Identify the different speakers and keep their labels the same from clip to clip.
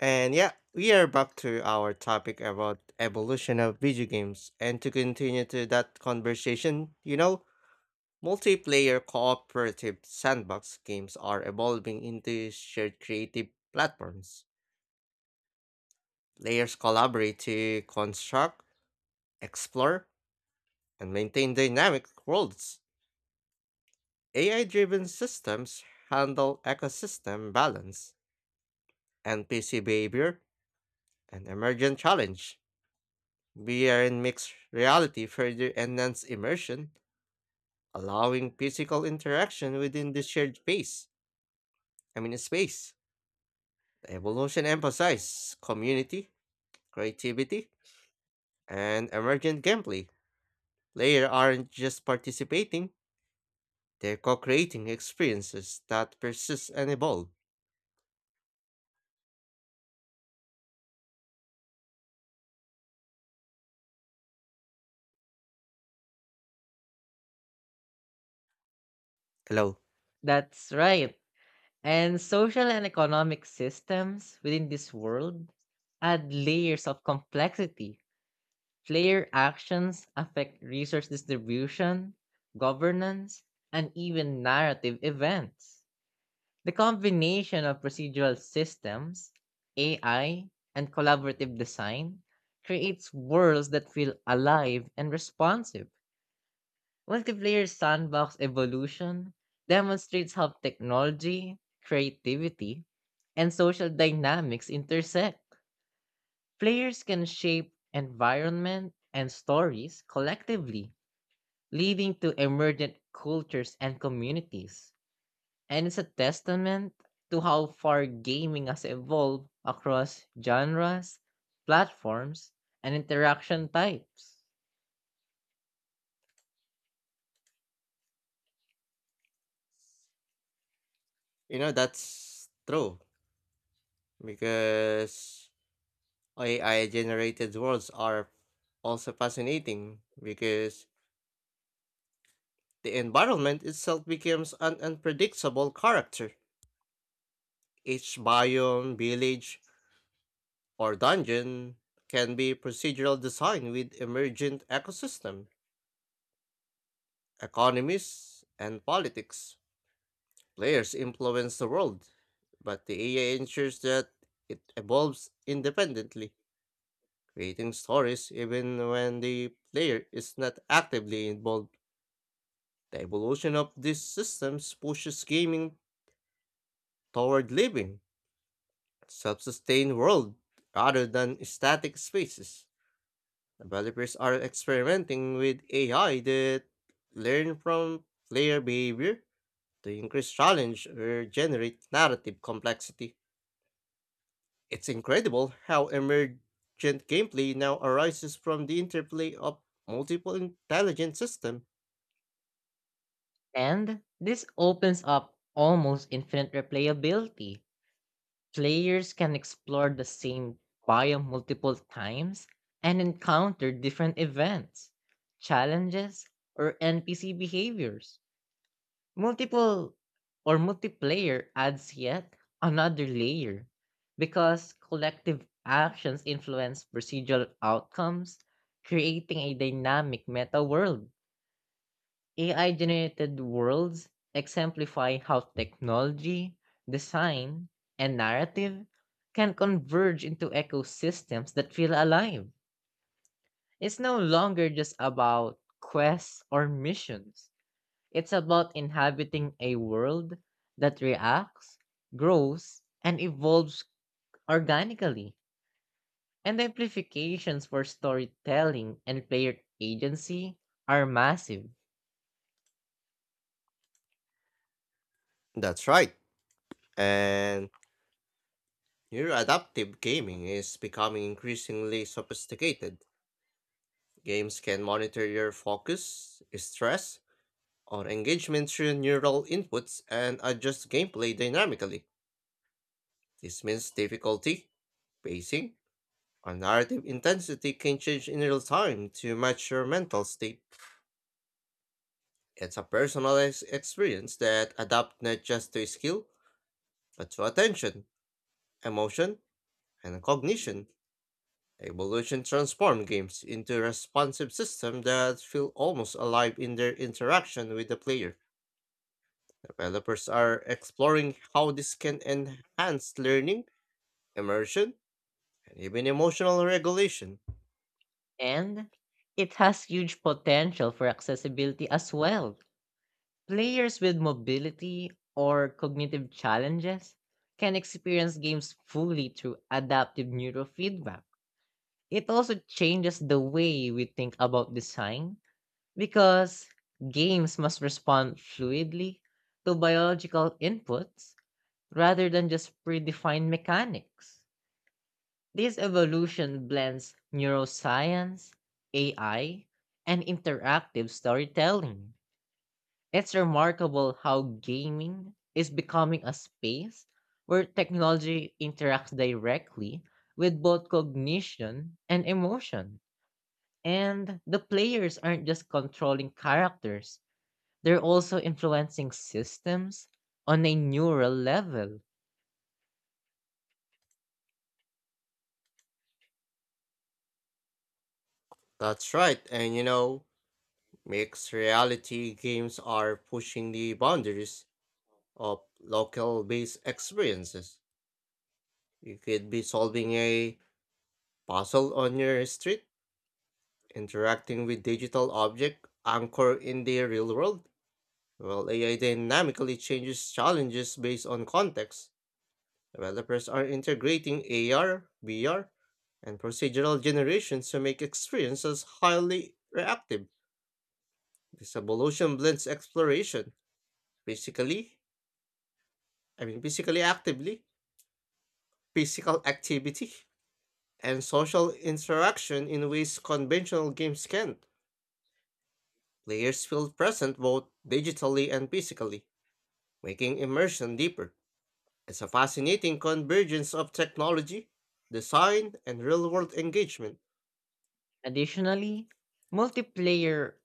Speaker 1: And yeah, we are back to our topic about evolution of video games. And to continue to that conversation, multiplayer cooperative sandbox games are evolving into shared creative platforms. Players collaborate to construct, explore, and maintain dynamic worlds. AI driven systems handle ecosystem balance, NPC behavior, and emergent challenge. VR and mixed reality further enhance immersion, allowing physical interaction within the shared space. I mean, space. The evolution emphasizes community, creativity, and emergent gameplay. Players aren't just participating; they're co-creating experiences that persist and evolve. Hello.
Speaker 2: That's right. And social and economic systems within this world add layers of complexity. Player actions affect resource distribution, governance, and even narrative events. The combination of procedural systems, AI, and collaborative design creates worlds that feel alive and responsive. Multiplayer sandbox evolution demonstrates how technology, creativity, and social dynamics intersect. Players can shape environment and stories collectively, leading to emergent cultures and communities. And it's a testament to how far gaming has evolved across genres, platforms, and interaction types.
Speaker 1: You know that's true, because AI-generated worlds are also fascinating. Because the environment itself becomes an unpredictable character. Each biome, village, or dungeon can be procedural design with emergent ecosystem, economies, and politics. Players influence the world, but the AI ensures that it evolves independently, creating stories even when the player is not actively involved. The evolution of these systems pushes gaming toward living self sustained world rather than static spaces. Developers are experimenting with AI that learn from player behavior to increase challenge or generate narrative complexity. It's incredible how emergent gameplay now arises from the interplay of multiple intelligent systems.
Speaker 2: And this opens up almost infinite replayability. Players can explore the same biome multiple times and encounter different events, challenges, or NPC behaviors. Multiple or multiplayer adds yet another layer because collective actions influence procedural outcomes, creating a dynamic meta world. AI-generated worlds exemplify how technology, design, and narrative can converge into ecosystems that feel alive. It's no longer just about quests or missions. It's about inhabiting a world that reacts, grows, and evolves organically. And the implications for storytelling and player agency are massive.
Speaker 1: That's right. And your adaptive gaming is becoming increasingly sophisticated. Games can monitor your focus, stress, or engagement through neural inputs and adjust gameplay dynamically. This means difficulty, pacing, or narrative intensity can change in real time to match your mental state. It's a personalized experience that adapts not just to skill, but to attention, emotion, and cognition. Evolution transforms games into responsive systems that feel almost alive in their interaction with the player. Developers are exploring how this can enhance learning immersion, and even emotional regulation.
Speaker 2: And it has huge potential for accessibility as well. Players with mobility or cognitive challenges can experience games fully through adaptive neurofeedback. It also changes the way we think about design because games must respond fluidly to biological inputs rather than just predefined mechanics. This evolution blends neuroscience, AI, and interactive storytelling. It's remarkable how gaming is becoming a space where technology interacts directly with both cognition and emotion. And the players aren't just controlling characters, they're also influencing systems on a neural level.
Speaker 1: That's right, and you know, mixed reality games are pushing the boundaries of local based experiences. You could be solving a puzzle on your street, interacting with digital object anchored in the real world, while AI dynamically changes challenges based on context. Developers are integrating AR, VR, and procedural generations to make experiences highly reactive. This evolution blends exploration, physically, I mean physically actively, physical activity, and social interaction in ways conventional games can't. Players feel present both digitally and physically, making immersion deeper. It's a fascinating convergence of technology, design, and real world engagement.
Speaker 2: Additionally, multiplayer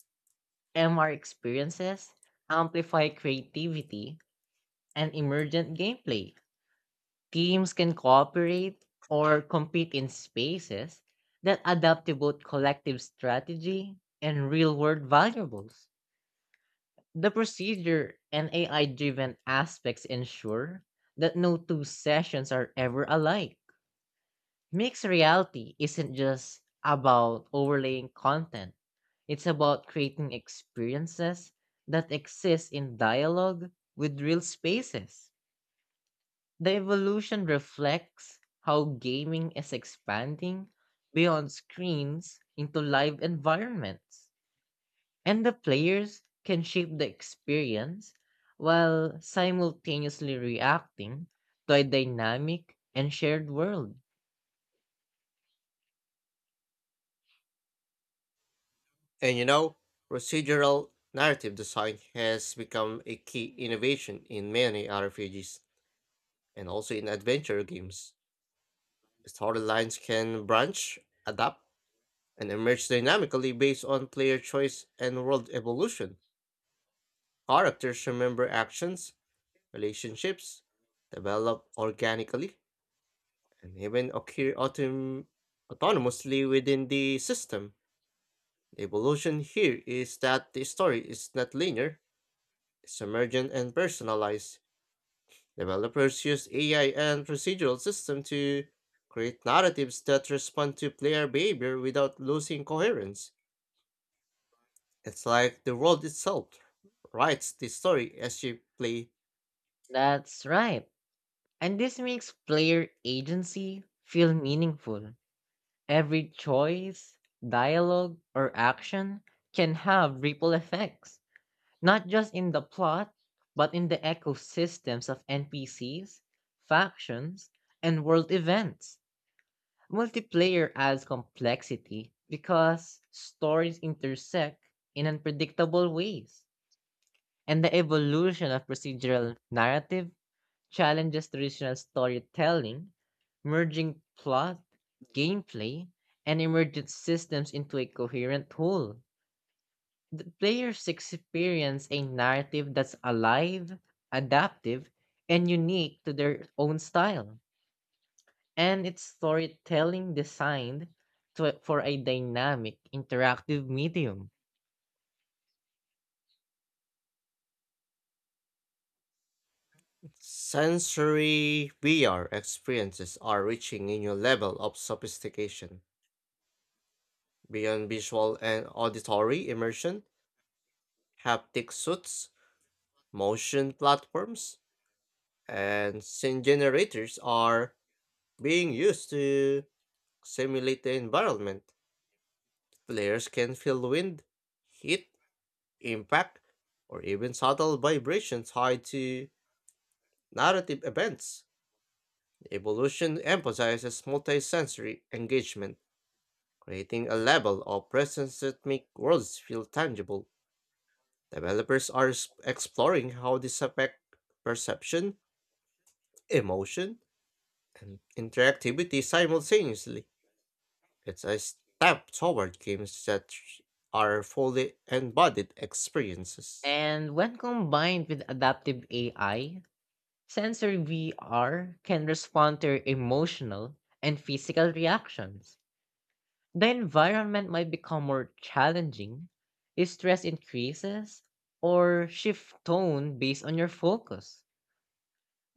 Speaker 2: MR experiences amplify creativity and emergent gameplay. Teams can cooperate or compete in spaces that adapt to both collective strategy and real world valuables. The procedure and AI driven aspects ensure that no two sessions are ever alike. Mixed reality isn't just about overlaying content. It's about creating experiences that exist in dialogue with real spaces. The evolution reflects how gaming is expanding beyond screens into live environments, and the players can shape the experience while simultaneously reacting to a dynamic and shared world.
Speaker 1: And you know, procedural narrative design has become a key innovation in many RPGs and also in adventure games. Storylines can branch, adapt, and emerge dynamically based on player choice and world evolution. Characters remember actions, relationships, develop organically, and even occur autonomously within the system. The evolution here is that the story is not linear, emergent and personalized. Developers use AI and procedural systems to create narratives that respond to player behavior without losing coherence. It's like the world itself writes the story as you play.
Speaker 2: That's right. And this makes player agency feel meaningful. Every choice, dialogue, or action can have ripple effects, not just in the plot, but in the ecosystems of NPCs, factions, and world events. Multiplayer adds complexity because stories intersect in unpredictable ways, and the evolution of procedural narrative challenges traditional storytelling, merging plot, gameplay, and emergent systems into a coherent whole. The players experience a narrative that's alive, adaptive, and unique to their own style. And it's storytelling designed for a dynamic, interactive medium.
Speaker 1: Sensory VR experiences are reaching a new level of sophistication. Beyond visual and auditory immersion, haptic suits, motion platforms, and scene generators are being used to simulate the environment. Players can feel wind, heat, impact, or even subtle vibrations tied to narrative events. The evolution emphasizes multisensory engagement, creating a level of presence that makes worlds feel tangible. Developers are exploring how this affects perception, emotion, and interactivity simultaneously. It's a step toward games that are fully embodied experiences.
Speaker 2: And when combined with adaptive AI, sensory VR can respond to your emotional and physical reactions. The environment might become more challenging if stress increases or shift tone based on your focus.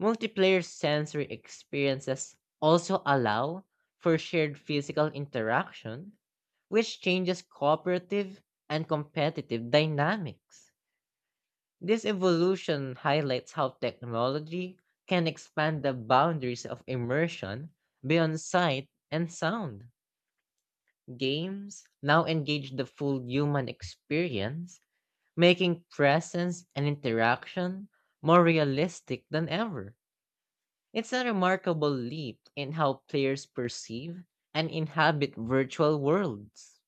Speaker 2: Multiplayer sensory experiences also allow for shared physical interaction, which changes cooperative and competitive dynamics. This evolution highlights how technology can expand the boundaries of immersion beyond sight and sound. Games now engage the full human experience, making presence and interaction more realistic than ever. It's a remarkable leap in how players perceive and inhabit virtual worlds.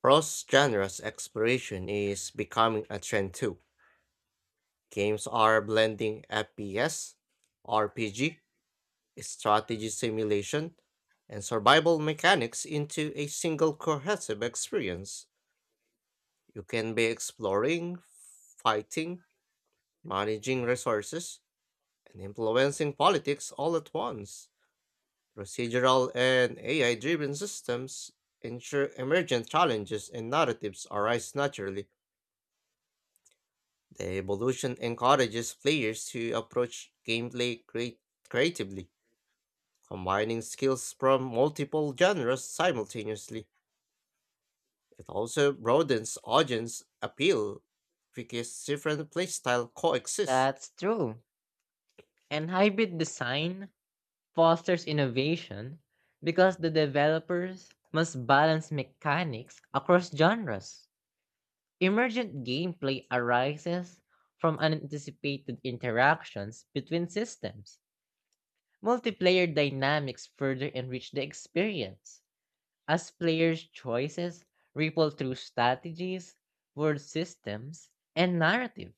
Speaker 1: Cross genres exploration is becoming a trend too. Games are blending FPS, RPG, strategy simulation, and survival mechanics into a single cohesive experience. You can be exploring, fighting, managing resources, and influencing politics all at once. Procedural and AI driven systems ensure emergent challenges and narratives arise naturally. The evolution encourages players to approach gameplay creatively, combining skills from multiple genres simultaneously. It also broadens audience appeal because different playstyle coexist.
Speaker 2: That's true. And hybrid design fosters innovation because the developers must balance mechanics across genres. Emergent gameplay arises from unanticipated interactions between systems. Multiplayer dynamics further enrich the experience as players' choices ripple through strategies, world systems, and narrative.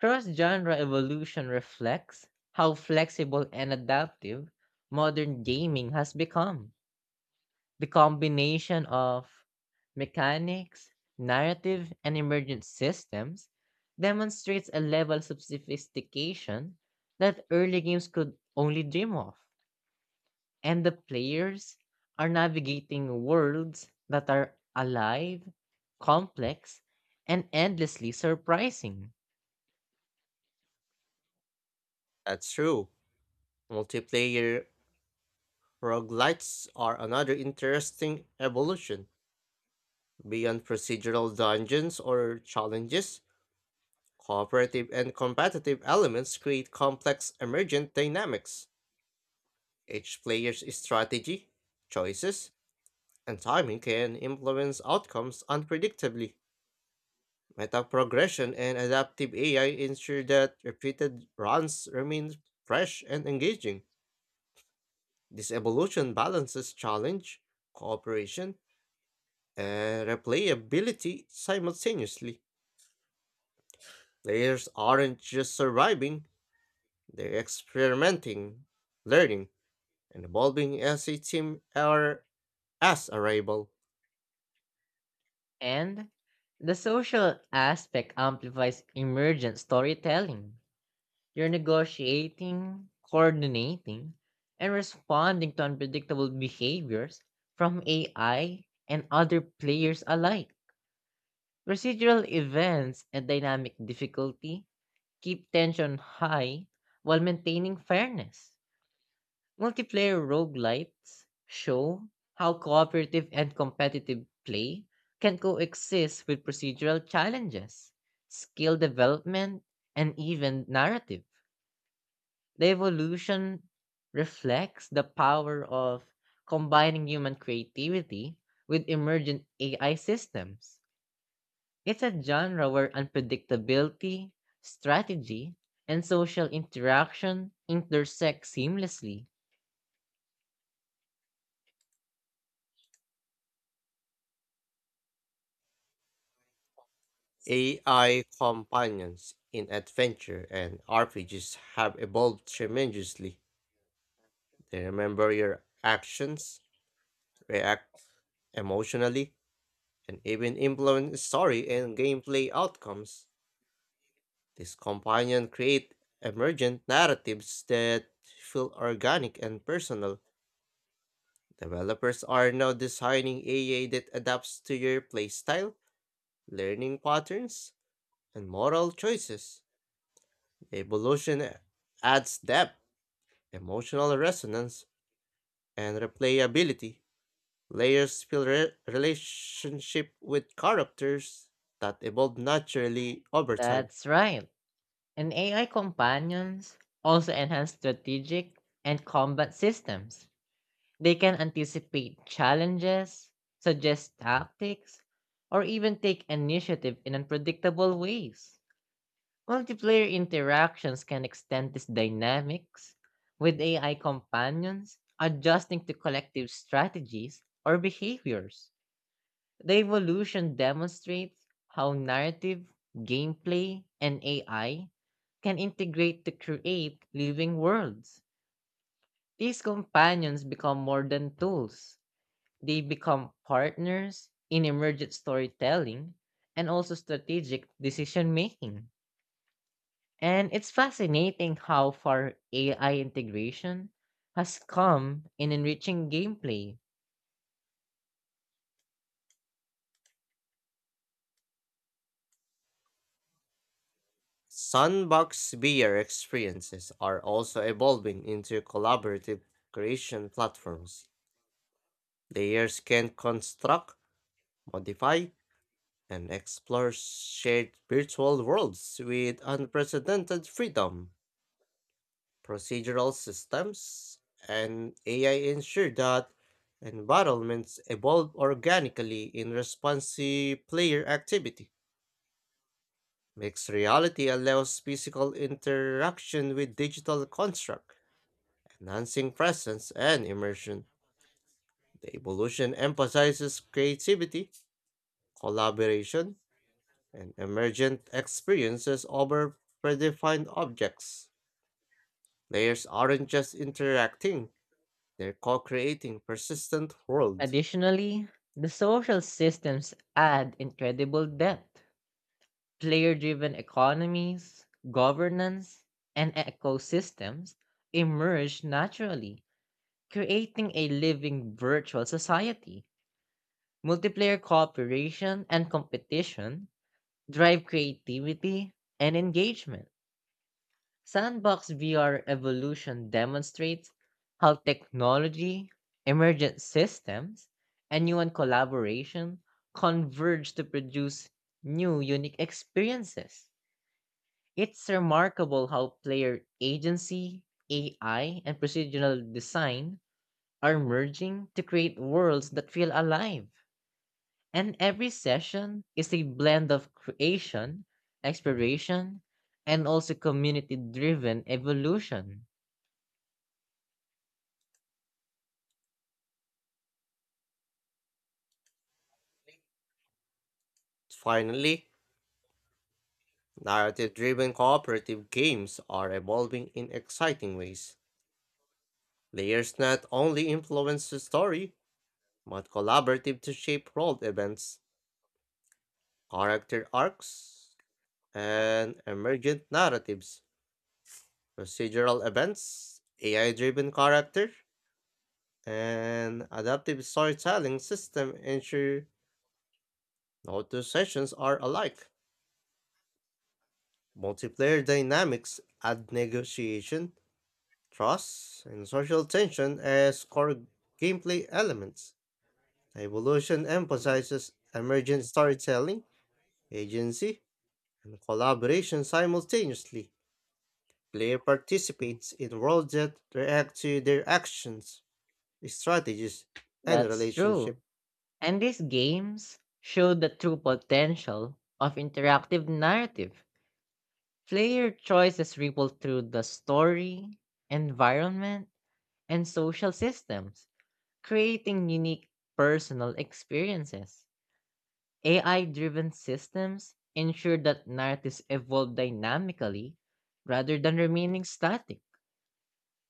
Speaker 2: Cross genre evolution reflects how flexible and adaptive modern gaming has become. The combination of mechanics, narrative, and emergent systems demonstrates a level of sophistication that early games could only dream of. And the players are navigating worlds that are alive, complex, and endlessly surprising.
Speaker 1: That's true. Multiplayer roguelites are another interesting evolution beyond procedural dungeons or challenges. Cooperative and competitive elements create complex emergent dynamics. Each player's strategy, choices, and timing can influence outcomes unpredictably. Meta progression and adaptive AI ensure that repeated runs remain fresh and engaging. This evolution balances challenge, cooperation, and replayability simultaneously. Players aren't just surviving, they're experimenting, learning, and evolving as a team or as a rival.
Speaker 2: And the social aspect amplifies emergent storytelling. You're negotiating, coordinating, and responding to unpredictable behaviors from AI and other players alike. Procedural events and dynamic difficulty keep tension high while maintaining fairness. Multiplayer roguelites show how cooperative and competitive play can coexist with procedural challenges, skill development, and even narrative. The evolution reflects the power of combining human creativity with emergent AI systems. It's a genre where unpredictability, strategy, and social interaction intersect seamlessly.
Speaker 1: AI companions in adventure and RPGs have evolved tremendously. They remember your actions, react emotionally, and even influence story and gameplay outcomes. These companions create emergent narratives that feel organic and personal. Developers are now designing AI that adapts to your playstyle, learning patterns, and moral choices. The evolution adds depth, emotional resonance, and replayability. Players build relationship with characters that evolve naturally over time.
Speaker 2: That's right. And AI companions also enhance strategic and combat systems. They can anticipate challenges, suggest tactics, or even take initiative in unpredictable ways. Multiplayer interactions can extend these dynamics, with AI companions adjusting to collective strategies or behaviors. The evolution demonstrates how narrative, gameplay, and AI can integrate to create living worlds. These companions become more than tools. They become partners in emergent storytelling and also strategic decision making. And it's fascinating how far AI integration has come in enriching gameplay.
Speaker 1: Sandbox VR experiences are also evolving into collaborative creation platforms. Players can construct, modify, and explore shared virtual worlds with unprecedented freedom. Procedural systems and AI ensure that environments evolve organically in response to player activity. Mixed reality allows physical interaction with digital construct, enhancing presence and immersion. The evolution emphasizes creativity, collaboration, and emergent experiences over predefined objects. Players aren't just interacting, they're co creating persistent world.
Speaker 2: Additionally, the social systems add incredible depth. Player driven economies, governance, and ecosystems emerge naturally, creating a living virtual society. Multiplayer cooperation and competition drive creativity and engagement. Sandbox VR evolution demonstrates how technology, emergent systems, and human collaboration converge to produce new unique experiences. It's remarkable how player agency, AI, and procedural design are merging to create worlds that feel alive. And every session is a blend of creation, exploration, and also community driven evolution.
Speaker 1: Finally, narrative driven cooperative games are evolving in exciting ways. Players not only influence the story, but collaborative to shape world events, character arcs, and emergent narratives. Procedural events, AI driven character, an adaptive storytelling system ensure no two sessions are alike. Multiplayer dynamics add negotiation, trust, and social tension as core gameplay elements. The evolution emphasizes emergent storytelling, agency, and collaboration simultaneously. Player participates in worlds that react to their actions, strategies, and
Speaker 2: That's
Speaker 1: relationship.
Speaker 2: true. And these games show the true potential of interactive narrative. Player choices ripple through the story, environment, and social systems, creating unique personal experiences. AI driven systems ensure that narratives evolve dynamically rather than remaining static.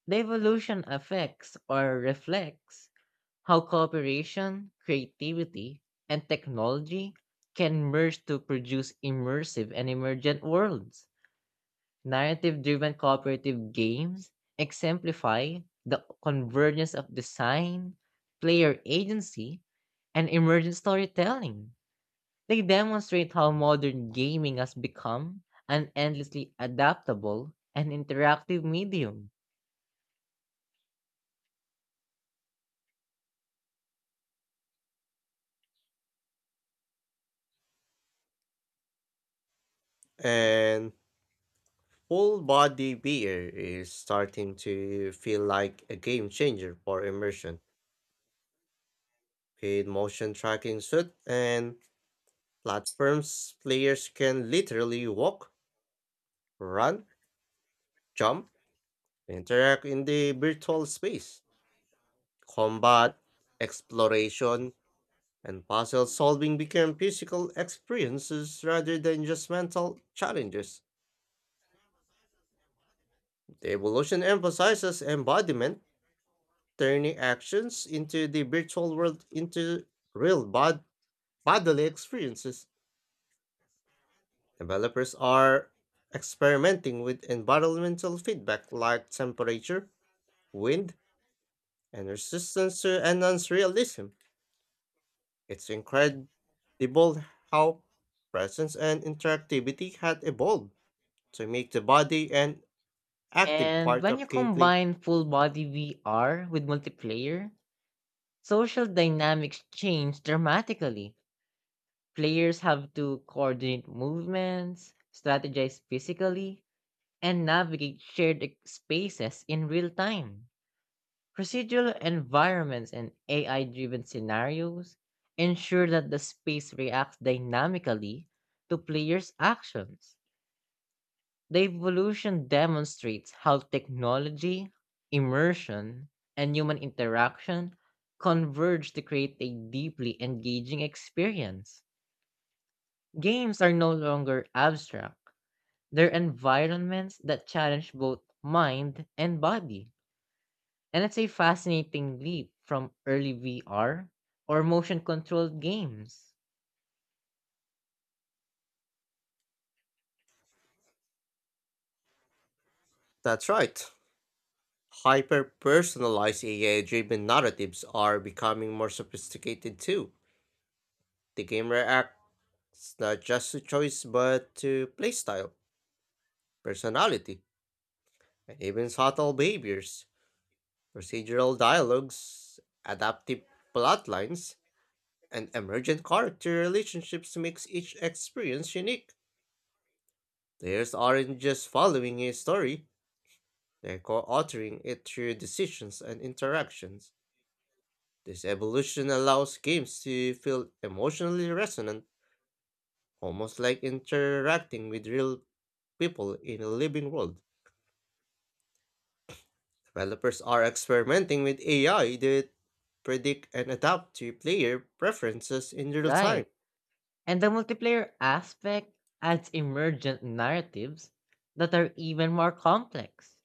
Speaker 2: The evolution affects or reflects how cooperation, creativity, and technology can merge to produce immersive and emergent worlds. Narrative driven cooperative games exemplify the convergence of design, player agency, and emergent storytelling. They demonstrate how modern gaming has become an endlessly adaptable and interactive medium.
Speaker 1: And full body beer is starting to feel like a game changer for immersion. With motion tracking suit and platforms, players can literally walk, run, jump, interact in the virtual space. Combat, exploration, and puzzle solving become physical experiences rather than just mental challenges. The evolution emphasizes embodiment, turning actions into the virtual world into real bodily experiences. Developers are experimenting with environmental feedback like temperature, wind, and resistance to enhance realism. It's incredible how presence and interactivity had evolved to make the body an active
Speaker 2: And
Speaker 1: part
Speaker 2: when you
Speaker 1: of gameplay.
Speaker 2: combine full body VR with multiplayer, social dynamics change dramatically. Players have to coordinate movements, strategize physically, and navigate shared spaces in real time. Procedural environments and AI driven scenarios ensure that the space reacts dynamically to players' actions. The evolution demonstrates how technology, immersion, and human interaction converge to create a deeply engaging experience. Games are no longer abstract, they're environments that challenge both mind and body. And it's a fascinating leap from early VR or motion controlled games.
Speaker 1: That's right. Hyper personalized AI driven narratives are becoming more sophisticated too. The game reacts not just to choice but to playstyle, personality, and even subtle behaviors. Procedural dialogues, adaptive plotlines, and emergent character relationships makes each experience unique. Players aren't just following a story, they're co-authoring it through decisions and interactions. This evolution allows games to feel emotionally resonant, almost like interacting with real people in a living world. Developers are experimenting with AI that predict and adapt to player preferences in real time.
Speaker 2: Right. And the multiplayer aspect adds emergent narratives that are even more complex.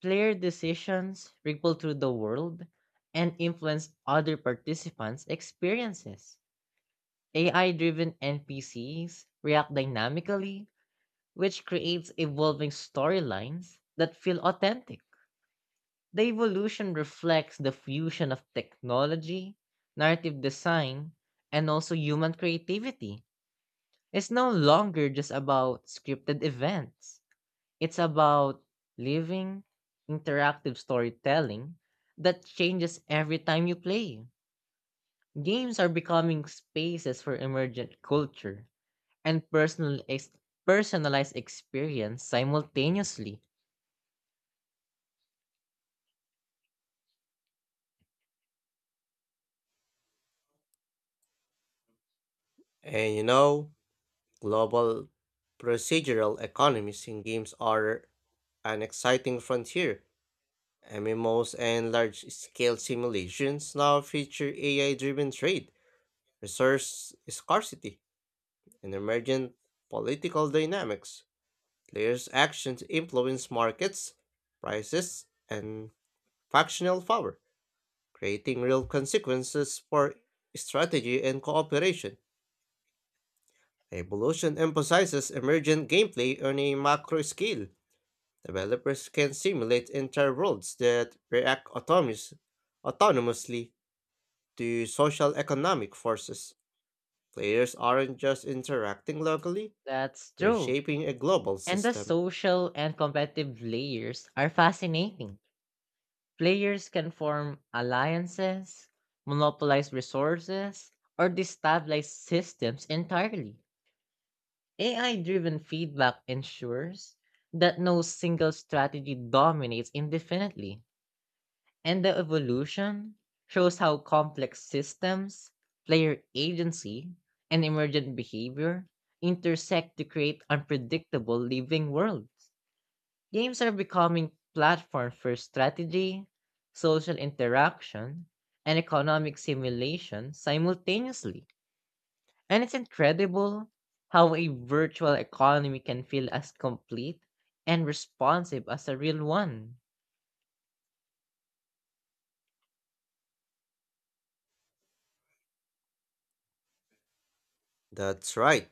Speaker 2: Player decisions ripple through the world and influence other participants' experiences. AI driven NPCs react dynamically, which creates evolving storylines that feel authentic. The evolution reflects the fusion of technology, narrative design, and also human creativity. It's no longer just about scripted events, it's about living, interactive storytelling that changes every time you play. Games are becoming spaces for emergent culture and personal personalized experience simultaneously.
Speaker 1: And you know, global procedural economies in games are an exciting frontier. MMOs and large scale simulations now feature AI driven trade, resource scarcity, and emergent political dynamics. Players' actions influence markets, prices, and factional power, creating real consequences for strategy and cooperation. Evolution emphasizes emergent gameplay on a macro scale. Developers can simulate entire worlds that react autonomously to social economic forces. Players aren't just interacting locally,
Speaker 2: That's
Speaker 1: they're
Speaker 2: true.
Speaker 1: shaping a global
Speaker 2: And the
Speaker 1: system.
Speaker 2: social and competitive layers are fascinating. Players can form alliances, monopolize resources, or destabilize systems entirely. AI driven feedback ensures that no single strategy dominates indefinitely. And the evolution shows how complex systems, player agency, and emergent behavior intersect to create unpredictable living worlds. Games are becoming platforms for strategy, social interaction, and economic simulation simultaneously. And it's incredible how a virtual economy can feel as complete and responsive as a real one.
Speaker 1: That's right.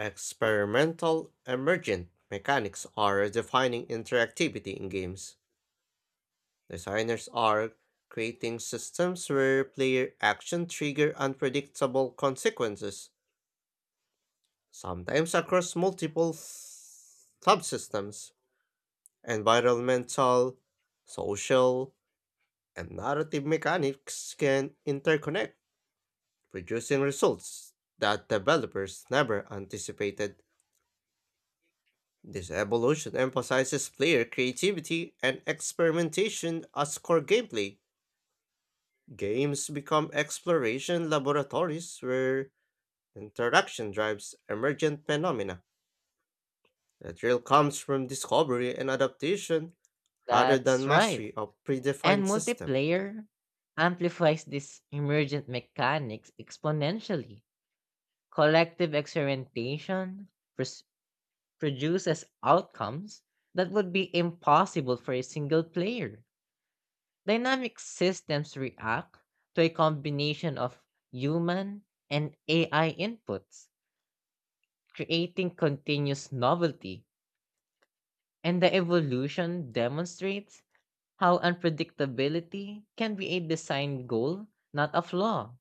Speaker 1: Experimental emergent mechanics are defining interactivity in games. Designers are creating systems where player action trigger unpredictable consequences, sometimes across multiple subsystems. Environmental, social, and narrative mechanics can interconnect, producing results that developers never anticipated. This evolution emphasizes player creativity and experimentation as core gameplay. Games become exploration laboratories where interaction drives emergent phenomena. The thrill comes from discovery and adaptation rather
Speaker 2: That's
Speaker 1: than
Speaker 2: right.
Speaker 1: mastery of
Speaker 2: And
Speaker 1: predefined system.
Speaker 2: multiplayer amplifies these emergent mechanics exponentially. Collective experimentation produces outcomes that would be impossible for a single player. Dynamic systems react to a combination of human and AI inputs, creating continuous novelty, and the evolution demonstrates how unpredictability can be a design goal, not a flaw.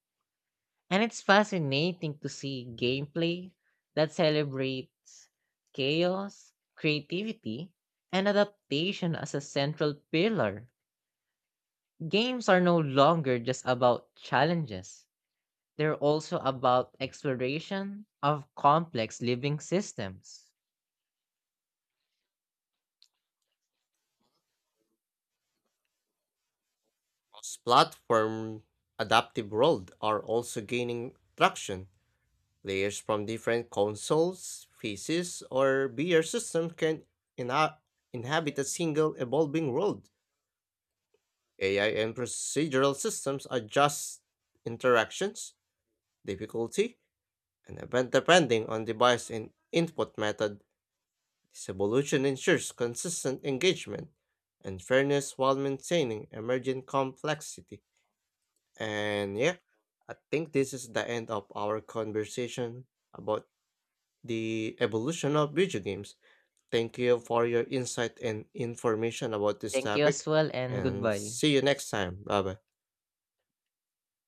Speaker 2: And it's fascinating to see gameplay that celebrates chaos, creativity, and adaptation as a central pillar. Games are no longer just about challenges, they're also about exploration of complex living systems.
Speaker 1: Cross-platform adaptive world are also gaining traction. Players from different consoles, PCs, or VR systems can inha- inhabit a single evolving world. AI and procedural systems adjust interactions difficulty, and event depending on device and input method. This evolution ensures consistent engagement and fairness while maintaining emergent complexity. And yeah, I think this is the end of our conversation about the evolution of video games. Thank you for your insight and information about this
Speaker 2: Thank you
Speaker 1: topic,
Speaker 2: as well, and
Speaker 1: and
Speaker 2: goodbye.
Speaker 1: see you next time. Bye bye.